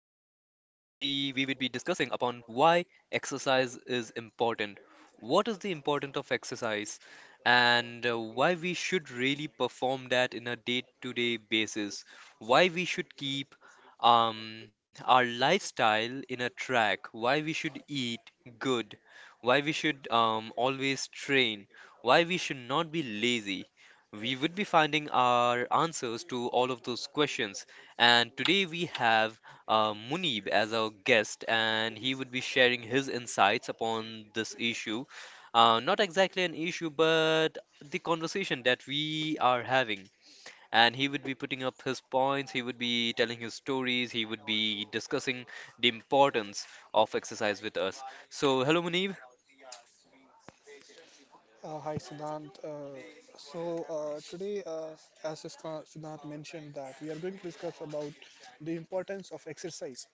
be we would be discussing upon why exercise is important. What is the importance of exercise and why we should really perform that in a day-to-day basis. Why we should keep our lifestyle in a track, why we should eat good, why we should always train, why we should not be lazy. We would be finding our answers to all of those questions. And today we have Munib as our guest, and he would be sharing his insights upon this issue. Not exactly an issue, but the conversation that we are having. And he would be putting up his points, he would be telling his stories, he would be discussing the importance of exercise with us. So, hello, Munib. Hi, Siddhant. Today, as Siddhant mentioned, that we are going to discuss about the importance of exercise.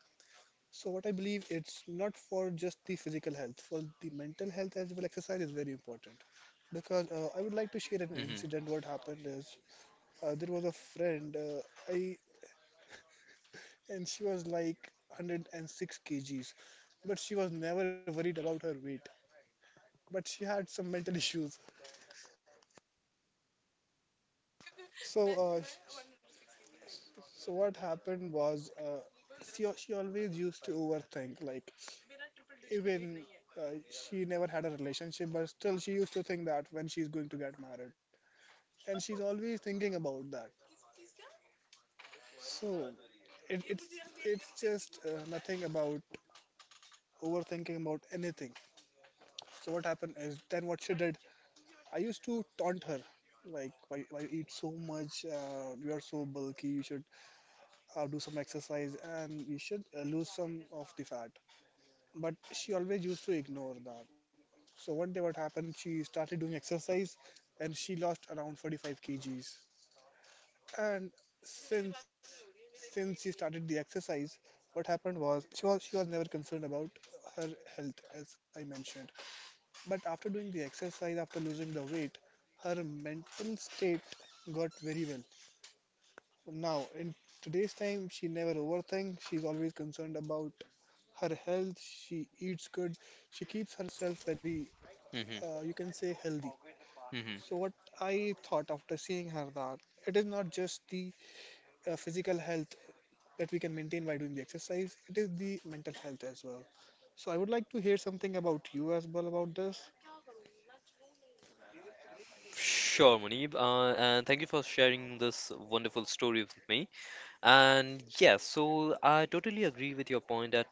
So what I believe, it's not for just the physical health, for the mental health as well. Exercise is very important because I would like to share an Hmm. incident. What happened is there was a friend, I and she was like 106 kgs, but she was never worried about her weight. But she had some mental issues, so uh, so what happened was, she always used to overthink. Like even she never had a relationship, but still she used to think that when she's going to get married, and she's always thinking about that. So it, it's it's just nothing about overthinking about anything. So what happened is then what she did, I used to taunt her. Like why you eat so much? You are so bulky. You should do some exercise and you should lose some of the fat. But she always used to ignore that. So one day what happened, she started doing exercise and she lost around 45 kgs. And since since she started the exercise, what happened was she was never concerned about her health as I mentioned. But after doing the exercise, after losing the weight, her mental state got very well. Now, in today's time, she never overthinks. She's always concerned about her health. She eats good. She keeps herself very, Hmm. You can say, healthy. Hmm. So, what I thought after seeing her, that it is not just the physical health that we can maintain by doing the exercise, it is the mental health as well. So, I would like to hear something about you as well about this. Sure, Munib, and thank you for sharing this wonderful story with me. And yeah, so I totally agree with your point that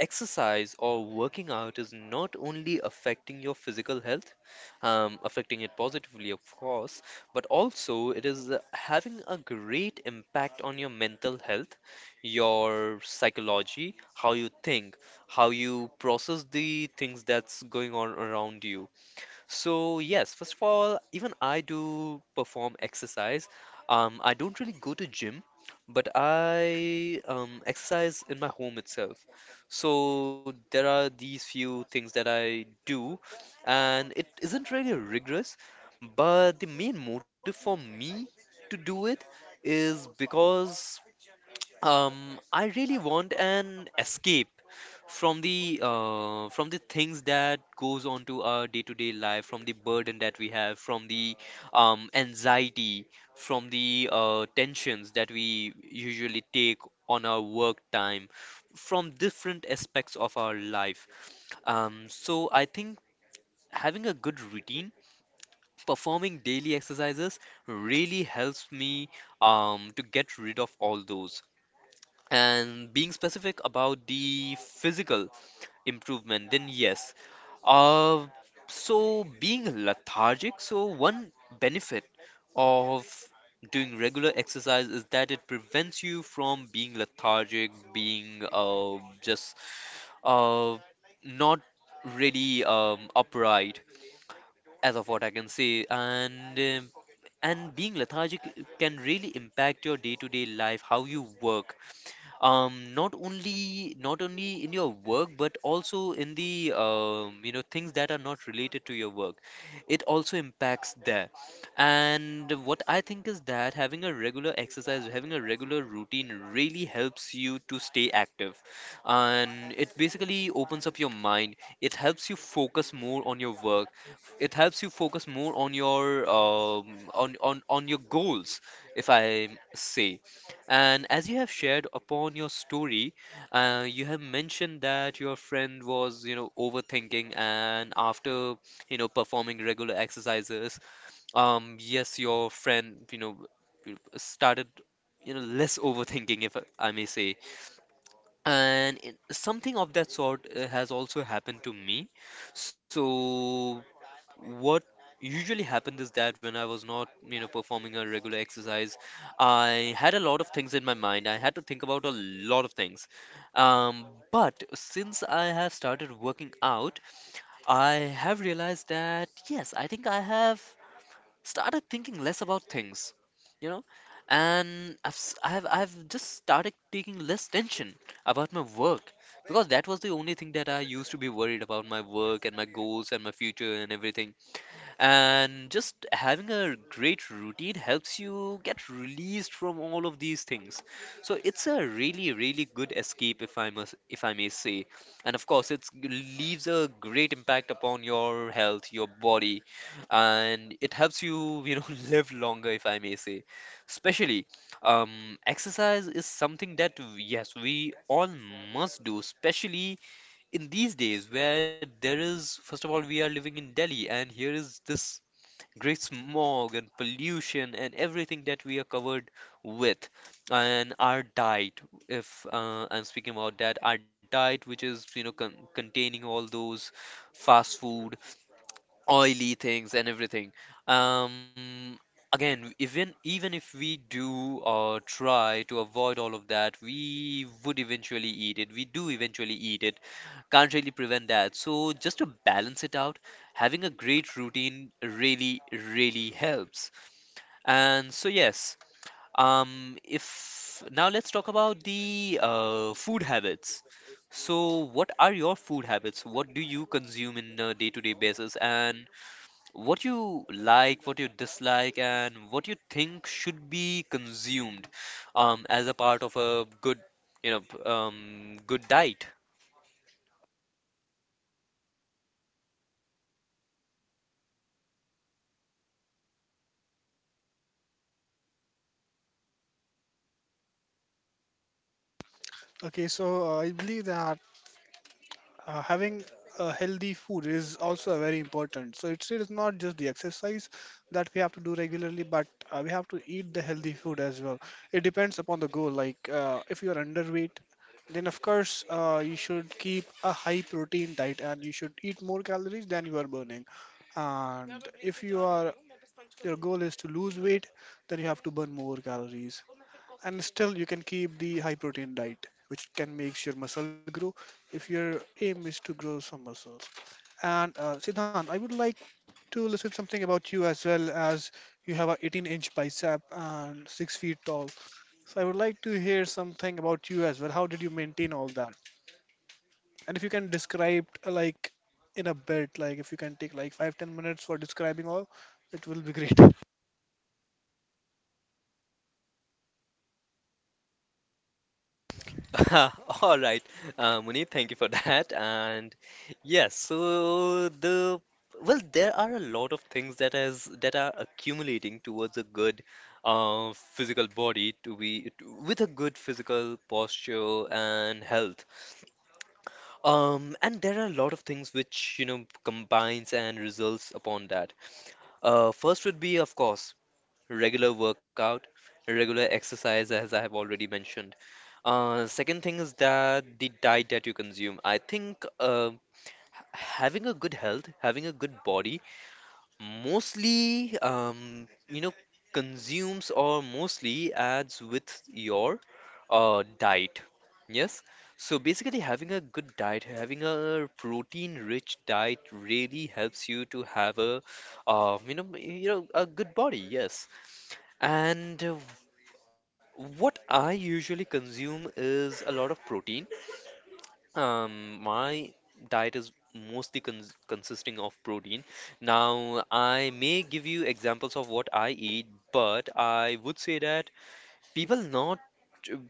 exercise or working out is not only affecting your physical health, affecting it positively, of course, but also it is having a great impact on your mental health, your psychology, how you think, how you process the things that's going on around you. So, yes, first of all, even I do perform exercise. I don't really go to gym, but I exercise in my home itself. So there are these few things that I do, and it isn't really rigorous, but the main motive for me to do it is because I really want an escape from the things that goes on to our day-to-day life, from the burden that we have, from the anxiety, from the tensions that we usually take on our work time, from different aspects of our life. So I think having a good routine, performing daily exercises, really helps me to get rid of all those and being specific about the physical improvement, then yes, uh so being lethargic, so one benefit of doing regular exercise is that it prevents you from being lethargic, being just uh not really upright, as of what I can say. And and being lethargic can really impact your day-to-day life, how you work, not only in your work, but also in the things that are not related to your work, it also impacts there. And what I think is that having a regular exercise, having a regular routine really helps you to stay active, and it basically opens up your mind. It helps you focus more on your work. It helps you focus more on your on your goals, if I say. And as you have shared upon your story, you have mentioned that your friend was, overthinking, and after, performing regular exercises, yes, your friend, started, less overthinking, if I may say. And it, something of that sort has also happened to me. So what usually happened is that when I was not, performing a regular exercise, I had a lot of things in my mind. I had to think about a lot of things. Um, but since I have started working out, I have realized that yes, I think I have started thinking less about things, you know, and I've s- I've just started taking less tension about my work, because that was the only thing that I used to be worried about, my work and my goals and my future and everything. And just having a great routine helps you get released from all of these things. So it's a really, really good escape if I must, if I may say. And of course, it leaves a great impact upon your health, your body, and it helps you, you know, live longer, if I may say. Especially, exercise is something that, yes, we all must do, especially in these days where there is, first of all, we are living in Delhi, and here is this great smog and pollution and everything that we are covered with. And our diet, if I'm speaking about that, our diet, which is, you know, containing all those fast food, oily things and everything. Um, Again, even if we do try to avoid all of that, we would eventually eat it. We do eventually eat it. Can't really prevent that. So just to balance it out, having a great routine really, really helps. And so yes, if now let's talk about the food habits. So, what are your food habits? What do you consume in a day-to-day basis? And what you like, what you dislike, and what you think should be consumed as a part of a good, you know, good diet. Okay, so I believe that having a healthy food is also very important. So it's not just the exercise that we have to do regularly, but we have to eat the healthy food as well. It depends upon the goal. Like if you're underweight, then of course you should keep a high protein diet and you should eat more calories than you are burning. And if your goal is to lose weight, then you have to burn more calories and still you can keep the high protein diet which can make your muscle grow if your aim is to grow some muscles. And Siddhant, I would like to listen something about you as well, as you have a 18-inch bicep and six feet tall. So I would like to hear something about you as well. How did you maintain all that? And if you can describe like in a bit, like if you can take like five ten minutes for describing all, it will be great. All right, Munir, thank you for that. And yes, so the, well, there are a lot of things that are accumulating towards a good physical body, to be to, with a good physical posture and health. And there are a lot of things which, you know, combines and results upon that. First would be, of course, regular workout, regular exercise, as I have already mentioned. Second thing is that the diet that you consume. I think having a good health, having a good body mostly you know consumes, or mostly adds with your diet, yes. So basically having a good diet, having a protein rich diet really helps you to have a a good body, yes. And what I usually consume is a lot of protein. My diet is mostly consisting of protein. Now, I may give you examples of what I eat, but I would say that people not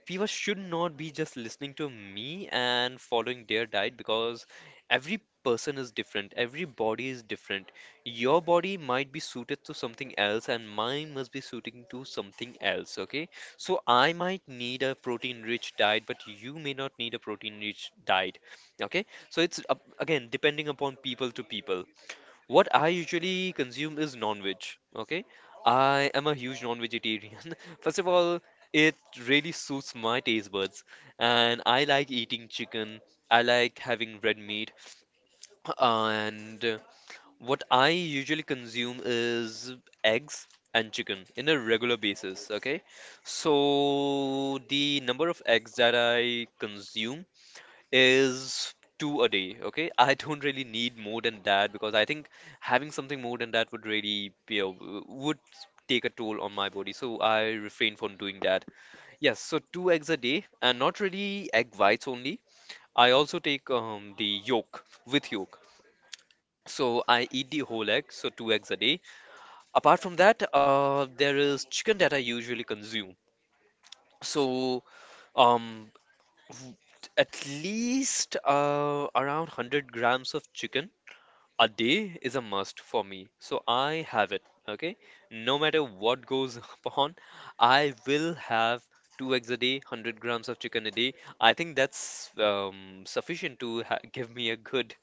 people should not be just listening to me and following their diet, because every person is different, every body is different. Your body might be suited to something else and mine must be suiting to something else, okay? So I might need a protein rich diet, but you may not need a protein rich diet, okay? So it's up, again, depending upon people to people, what I usually consume is non-veg. Okay, I am a huge non-vegetarian. First of all, it really suits my taste buds, and I like eating chicken. I like having red meat, and what I usually consume is eggs and chicken in a regular basis. Okay, so the number of eggs that I consume is two a day, okay? I don't really need more than that because I think having something more than that would really, you know, would take a toll on my body. So I refrain from doing that. Yes, so two eggs a day and not really egg whites only. I also take the yolk with yolk. So I eat the whole egg, so two eggs a day. Apart from that, there is chicken that I usually consume. So um, w- at least around 100 grams of chicken a day is a must for me, so I have it. Okay, no matter what goes on, I will have two eggs a day, 100 grams of chicken a day. I think that's sufficient to give me a good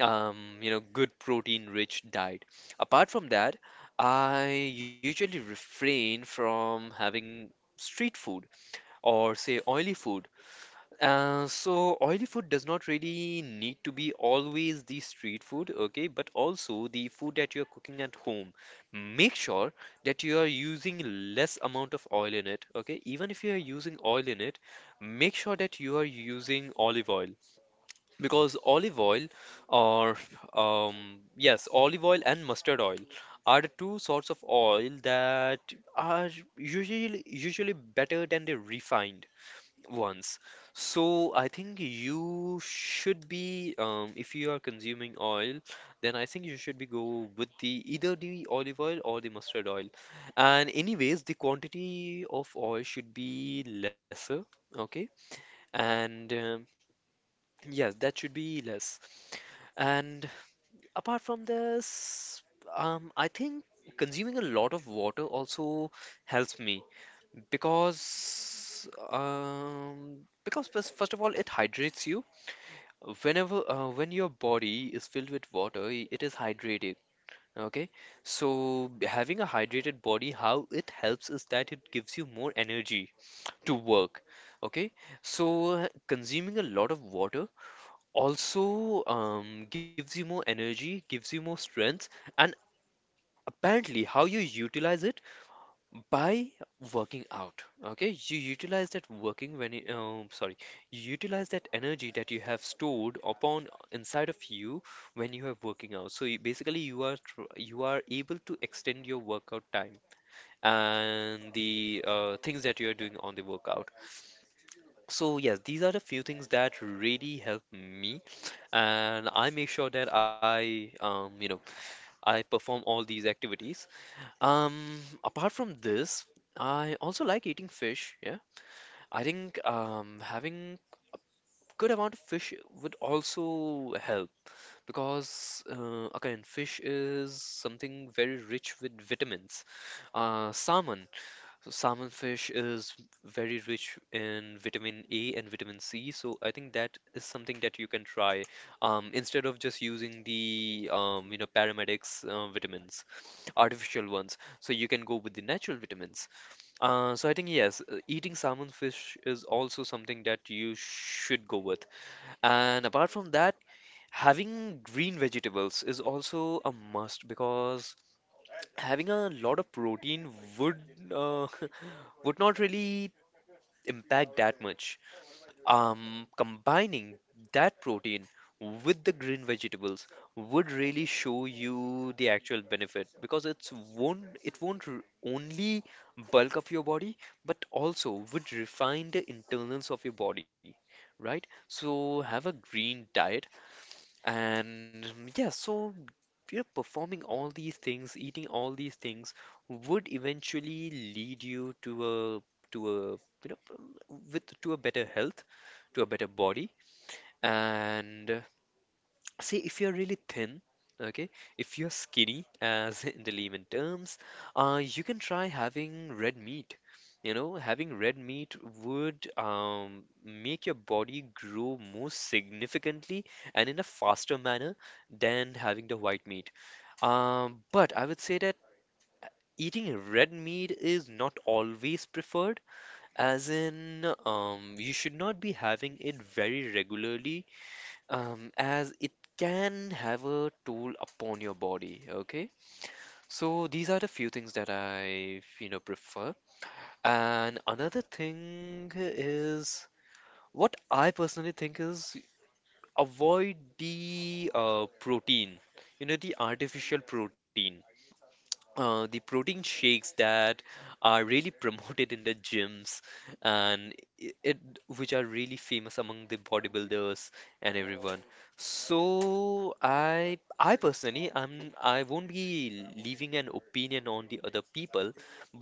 good protein rich diet. Apart from that, I usually refrain from having street food or say oily food. So oily food does not really need to be always the street food, okay, but also the food that you're cooking at home. Make sure that you are using less amount of oil in it, okay? Even if you are using oil in it, make sure that you are using olive oil, because olive oil or yes, olive oil and mustard oil are the two sorts of oil that are usually better than the refined. Once, so I think you should be, if you are consuming oil, then I think you should be go with the either the olive oil or the mustard oil. And anyways, the quantity of oil should be lesser, okay? And yes, that should be less. And apart from this, I think consuming a lot of water also helps me. Because, um, because first of all, it hydrates you. Whenever, when your body is filled with water, it is hydrated. Okay, so having a hydrated body, how it helps is that it gives you more energy to work. Okay, so consuming a lot of water also gives you more energy, gives you more strength, and apparently, how you utilize it by working out. Okay, you utilize that working when you, sorry you utilize that energy that you have stored upon inside of you when you are working out. So you, basically you are you are able to extend your workout time and the things that you are doing on the workout. So yes, these are the few things that really help me, and I make sure that I you know I perform all these activities. Apart from this, I also like eating fish. Yeah, I think having good amount of fish would also help because again, fish is something very rich with vitamins. Salmon so salmon fish is very rich in vitamin A and vitamin C, so I think that is something that you can try instead of just using the paramedics vitamins, artificial ones. So you can go with the natural vitamins. So I think yes, eating salmon fish is also something that you should go with. And apart from that, having green vegetables is also a must because having a lot of protein would uh, would not really impact that much. Combining that protein with the green vegetables would really show you the actual benefit because it's won't it won't r- only bulk up your body but also would refine the internals of your body, right? So have a green diet and yeah, so performing all these things, eating all these things would eventually lead you to a you know with to a better health, to a better body, and see, if you're really thin, okay, if you're skinny, as in the layman terms, you can try having red meat. You know, having red meat would make your body grow more significantly and in a faster manner than having the white meat. But I would say that eating red meat is not always preferred, as in you should not be having it very regularly as it can have a toll upon your body. Okay, so these are the few things that I prefer. And another thing is, what I personally think is, avoid the protein, you know, the artificial protein, the protein shakes that are really promoted in the gyms and I- it which are really famous among the bodybuilders and everyone. So I personally, I won't be leaving an opinion on the other people,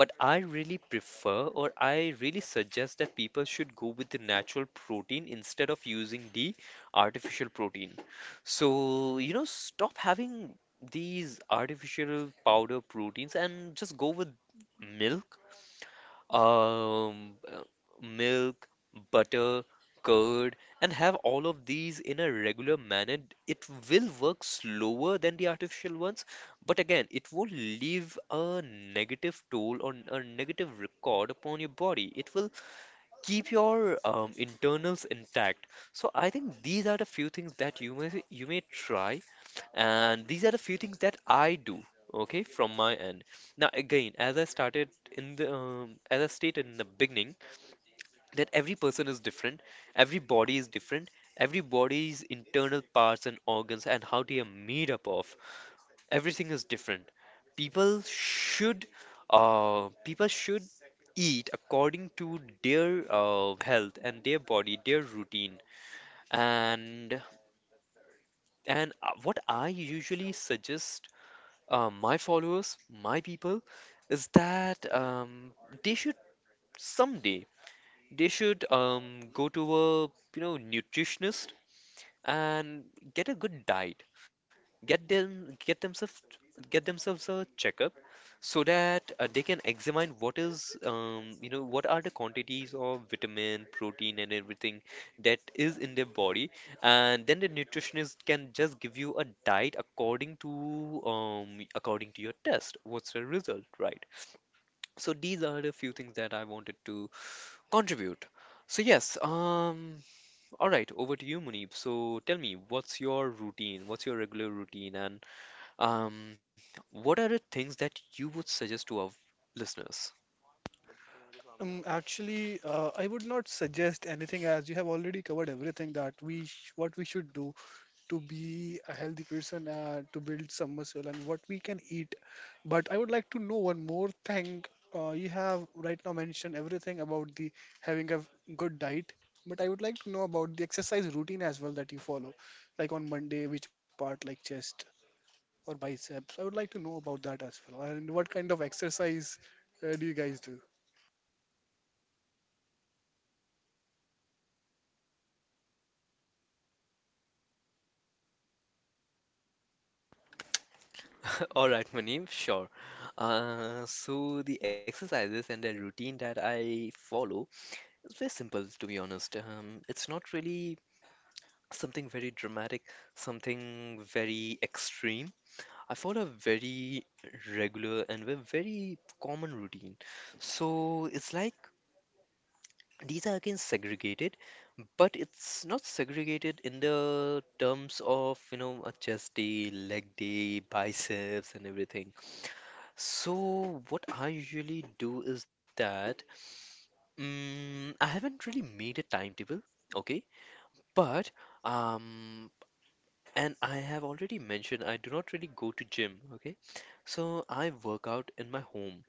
but I really prefer, or I really suggest, that people should go with the natural protein instead of using the artificial protein. So, you know, stop having these artificial powder proteins and just go with milk, um, uh, milk, butter, curd, and have all of these in a regular manner. It will work slower than the artificial ones, but again, it won't leave a negative toll or a negative record upon your body. It will keep your internals intact. So I think these are the few things that you may try, and these are the few things that I do. Okay, from my end. Now again, as I stated in the beginning, that every person is different, every body is different, every body's internal parts and organs and how they are made up of everything is different. People should uh, people should eat according to their health and their body, their routine. And what I usually suggest my followers, my people, is that they should, someday, they should go to a nutritionist and get a good diet, get them get themselves get themselves a checkup, so that they can examine what is, what are the quantities of vitamin, protein, and everything that is in their body. And then the nutritionist can just give you a diet according to according to your test, what's the result, right? So these are the few things that I wanted to contribute. So yes, all right, over to you, Munib. So tell me, what's your routine, what's your regular routine, and um, what are the things that you would suggest to our listeners? Actually, I would not suggest anything as you have already covered everything that we sh what we should do to be a healthy person, to build some muscle, and what we can eat. But I would like to know one more thing. You have right now mentioned everything about the having a good diet, but I would like to know about the exercise routine as well that you follow, like on Monday, which part, like chest or biceps. I would like to know about that as well, and what kind of exercise do you guys do? All right, Maneem, sure. So the exercises and the routine that I follow is very simple, to be honest. It's not really something very dramatic, something very extreme. I follow a very regular and a very common routine. So it's like, these are again segregated, but it's not segregated in the terms of, you know, a chest day, leg day, biceps, and everything. So, what I usually do is that I haven't really made a timetable, okay? But, um, and I have already mentioned, I do not really go to gym, okay? So, I work out in my home.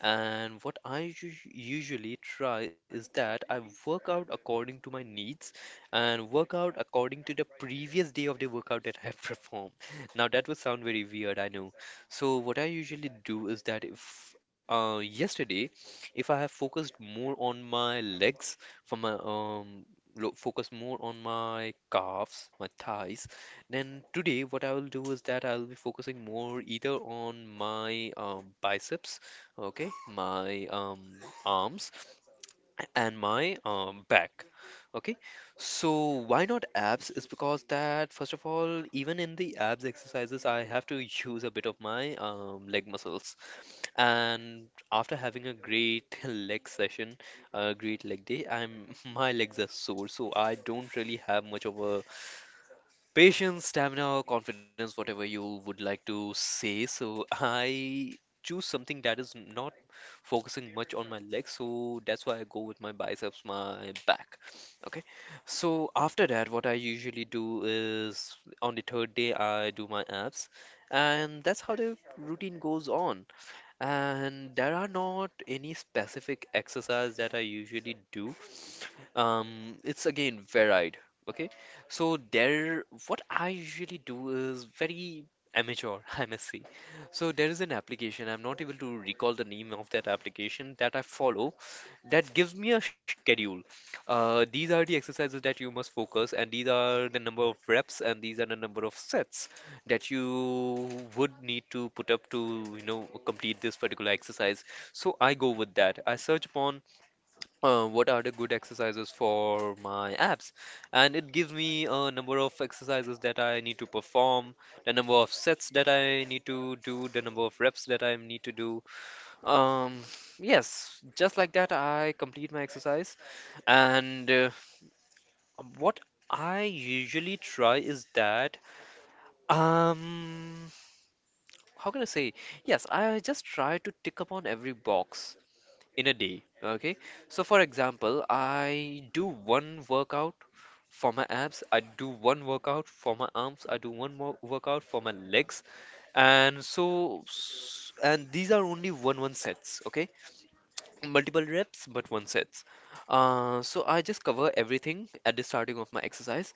And what I usually try is that I work out according to my needs, and work out according to the previous day of the workout that I have performed. Now that would sound very weird, I know. So what I usually do is that if, yesterday, if I have focused more on my legs, for my focus more on my calves, my thighs, then today what I will do is that I will be focusing more either on my biceps, okay, my arms, and my back, okay. So why not abs is because that, first of all, even in the abs exercises I have to use a bit of my leg muscles, and after having a great leg session, a great leg day, I'm my legs are sore, so I don't really have much of a patience, stamina, confidence, whatever you would like to say. So I choose something that is not focusing much on my legs. So that's why I go with my biceps, my back. Okay. So after that, what I usually do is, on the 3rd day, I do my abs. And that's how the routine goes on, and there are not any specific exercise that I usually do. It's again varied. Okay, so there, what I usually do is very amateur, I must say. So there is an application. I'm not able to recall the name of that application that I follow, that gives me a schedule. These are the exercises that you must focus, and these are the number of reps, and these are the number of sets that you would need to put up to, you know, complete this particular exercise. So I go with that. I search upon what are the good exercises for my abs, and it gives me a number of exercises that I need to perform, the number of sets that I need to do, the number of reps that I need to do, um, yes, just like that, I complete my exercise. And what I usually try is that, um, how can I say? Yes, I just try to tick upon every box in a day. Okay. So, for example, I do one workout for my abs, I do one workout for my arms, I do one more workout for my legs. And so, and these are only one sets. Okay. Multiple reps, but one sets. So I just cover everything at the starting of my exercise,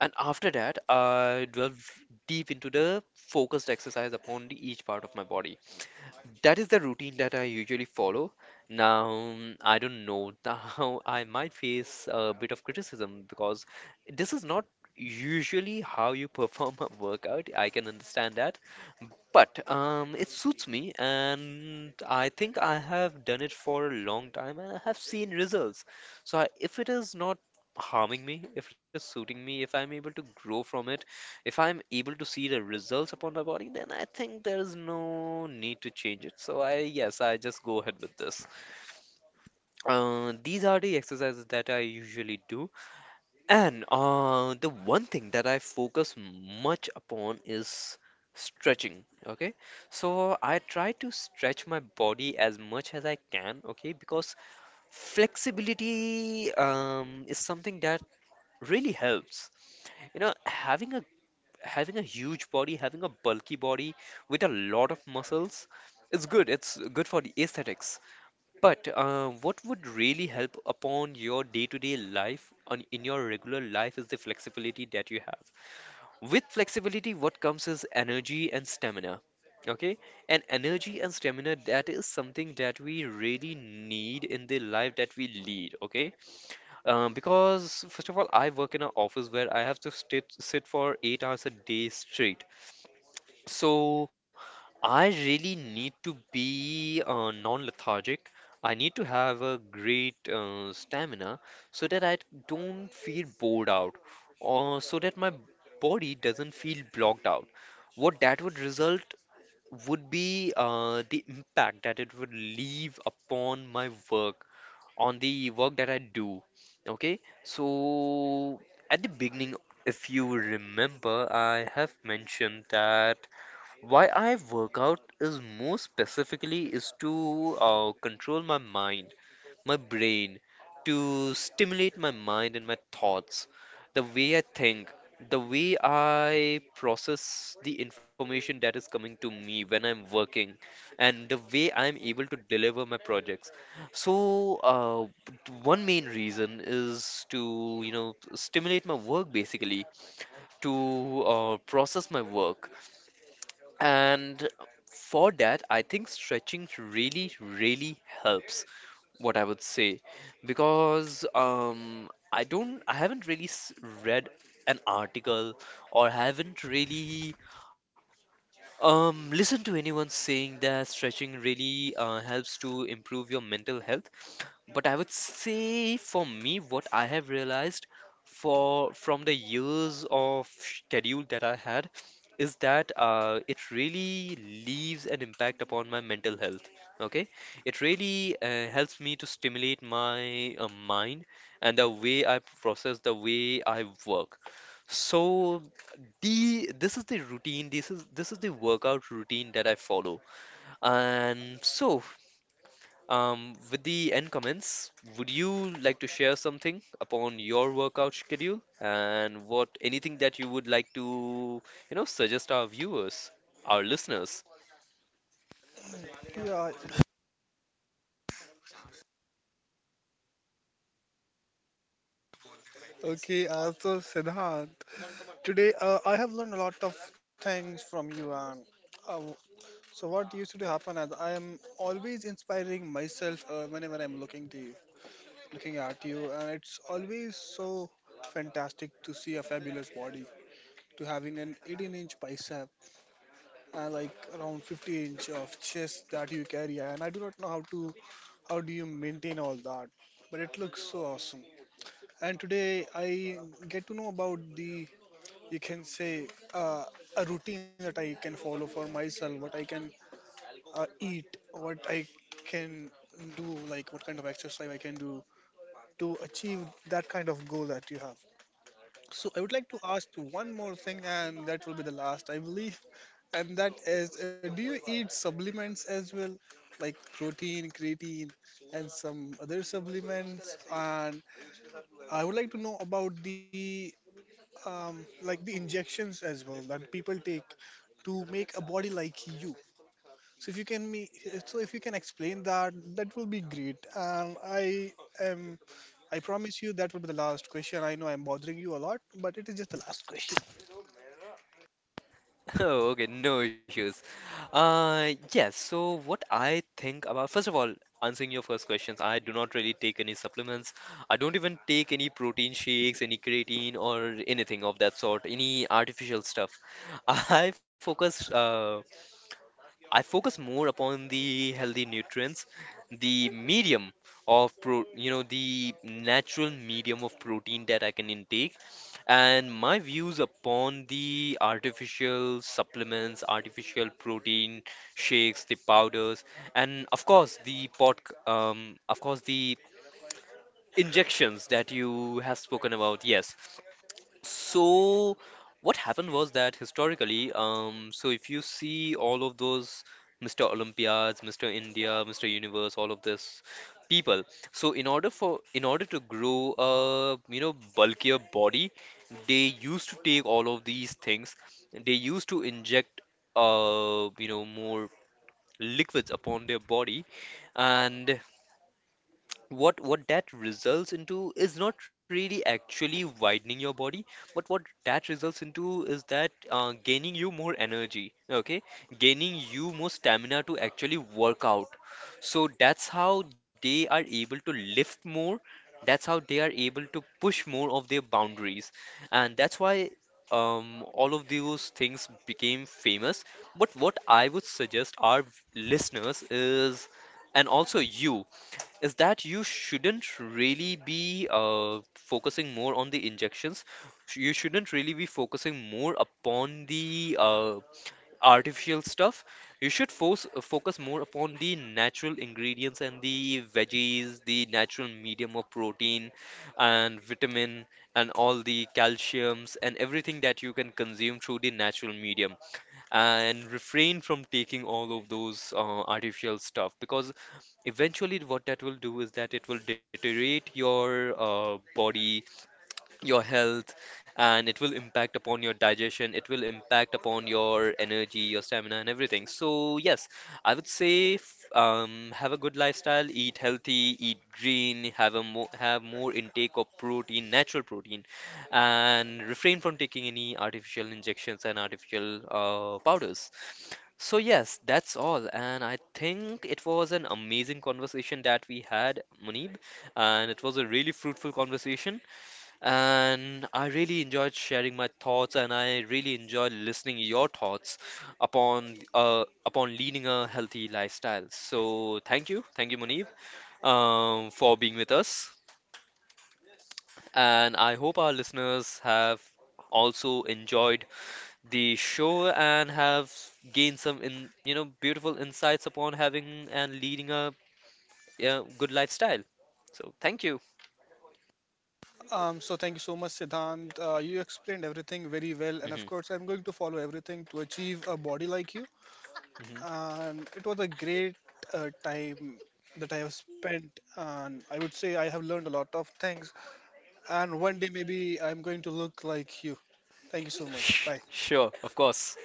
and after that I delve deep into the focused exercise upon the, each part of my body. That is the routine that I usually follow. Now I don't know, now I might face a bit of criticism because this is not usually how you perform a workout, I can understand that, but it suits me, and I think I have done it for a long time, and I have seen results. So I, if it is not harming me, if it is suiting me, if I'm able to grow from it, if I'm able to see the results upon my body, then I think there is no need to change it. So I, yes, I just go ahead with this. These are the exercises that I usually do. And the one thing that I focus much upon is stretching. Okay, so I try to stretch my body as much as I can. Okay, because flexibility is something that really helps. You know, having a huge body, having a bulky body with a lot of muscles, it's good. It's good for the aesthetics. But what would really help upon your day-to-day life, on in your regular life, is the flexibility that you have. With flexibility, what comes is energy and stamina. Okay, and energy and stamina, that is something that we really need in the life that we lead. Okay, because first of all, I work in an office where I have to sit for 8 hours a day straight. So I really need to be non-lethargic. I need to have a great stamina so that I don't feel bored out or so that my body doesn't feel blocked out. What that would result would be the impact that it would leave upon my work, on the work that I do. Okay, so at the beginning, if you remember, I have mentioned that. Why I work out is more specifically is to control my mind, my brain, to stimulate my mind and my thoughts, the way I think, the way I process the information that is coming to me when I'm working, and the way I'm able to deliver my projects. So, one main reason is to, you know, stimulate my work basically, to process my work, and for that, I think stretching really, really helps, what I would say, because I haven't really read an article or haven't really listened to anyone saying that stretching really helps to improve your mental health. But I would say for me, what I have realized for from the years of schedule that I had is that it really leaves an impact upon my mental health. Okay, it really helps me to stimulate my mind and the way I process, the way I work. So the this is the routine, this is the workout routine that I follow. And so with the end comments, would you like to share something upon your workout schedule and what anything that you would like to, you know, suggest our viewers, our listeners? Yeah. Okay, so Siddhant, today I have learned a lot of things from you, and uh, so what used to happen is I am always inspiring myself whenever I'm looking to you, looking at you, and it's always so fantastic to see a fabulous body, to having an 18-inch bicep and like around 50-inch of chest that you carry. And I do not know how do you maintain all that, but it looks so awesome. And today I get to know about the, you can say, uh, a routine that I can follow for myself, what I can eat, what I can do, like what kind of exercise I can do to achieve that kind of goal that you have. So I would like to ask you one more thing, and that will be the last, I believe. And that is, do you eat supplements as well, like protein, creatine, and some other supplements? And I would like to know about the like the injections as well that people take to make a body like you. So if you can me, so if you can explain that, that will be great. Am, I promise you that will be the last question. I know I'm bothering you a lot, but it is just the last question. Oh, okay, no issues. Yes, so what I think about, first of all, answering your first questions, I do not really take any supplements. I don't even take any protein shakes, any creatine, or anything of that sort, any artificial stuff. I focus uh, I focus more upon the healthy nutrients, the medium of pro, you know, the natural medium of protein that I can intake, and my views upon the artificial supplements, artificial protein shakes, the powders, and of course the injections that you have spoken about. Yes, so, what happened was that historically, so if you see all of those Mr. Olympiads, Mr. India, Mr. Universe, all of this people, so in order to grow a, you know, bulkier body, they used to take all of these things. They used to inject you know more liquids upon their body, and what that results into is not really actually widening your body, but what that results into is that gaining you more energy, okay, gaining you more stamina to actually work out. So that's how they are able to lift more, that's how they are able to push more of their boundaries, and that's why all of those things became famous. But what I would suggest our listeners is, and also you, is that you shouldn't really be focusing more on the injections. You shouldn't really be focusing more upon the artificial stuff. You should focus more upon the natural ingredients and the veggies, the natural medium of protein and vitamin and all the calciums and everything that you can consume through the natural medium, and refrain from taking all of those artificial stuff, because eventually what that will do is that it will deteriorate your body, your health, and it will impact upon your digestion, it will impact upon your energy, your stamina, and everything. So yes, I would say, have a good lifestyle, eat healthy, eat green, have more intake of protein, natural protein, and refrain from taking any artificial injections and artificial powders. So yes, that's all, and I think it was an amazing conversation that we had, Munib, and it was a really fruitful conversation, and I really enjoyed sharing my thoughts, and I really enjoyed listening your thoughts upon upon leading a healthy lifestyle. So thank you, Munib, for being with us. And I hope our listeners have also enjoyed the show and have gained some you know, beautiful insights upon having and leading a good lifestyle. So thank you. So thank you so much, Siddhant. You explained everything very well, and of Hmm. course, I'm going to follow everything to achieve a body like you. Hmm. And it was a great time that I have spent, and I would say I have learned a lot of things. And one day maybe I'm going to look like you. Thank you so much. Bye. Sure, of course.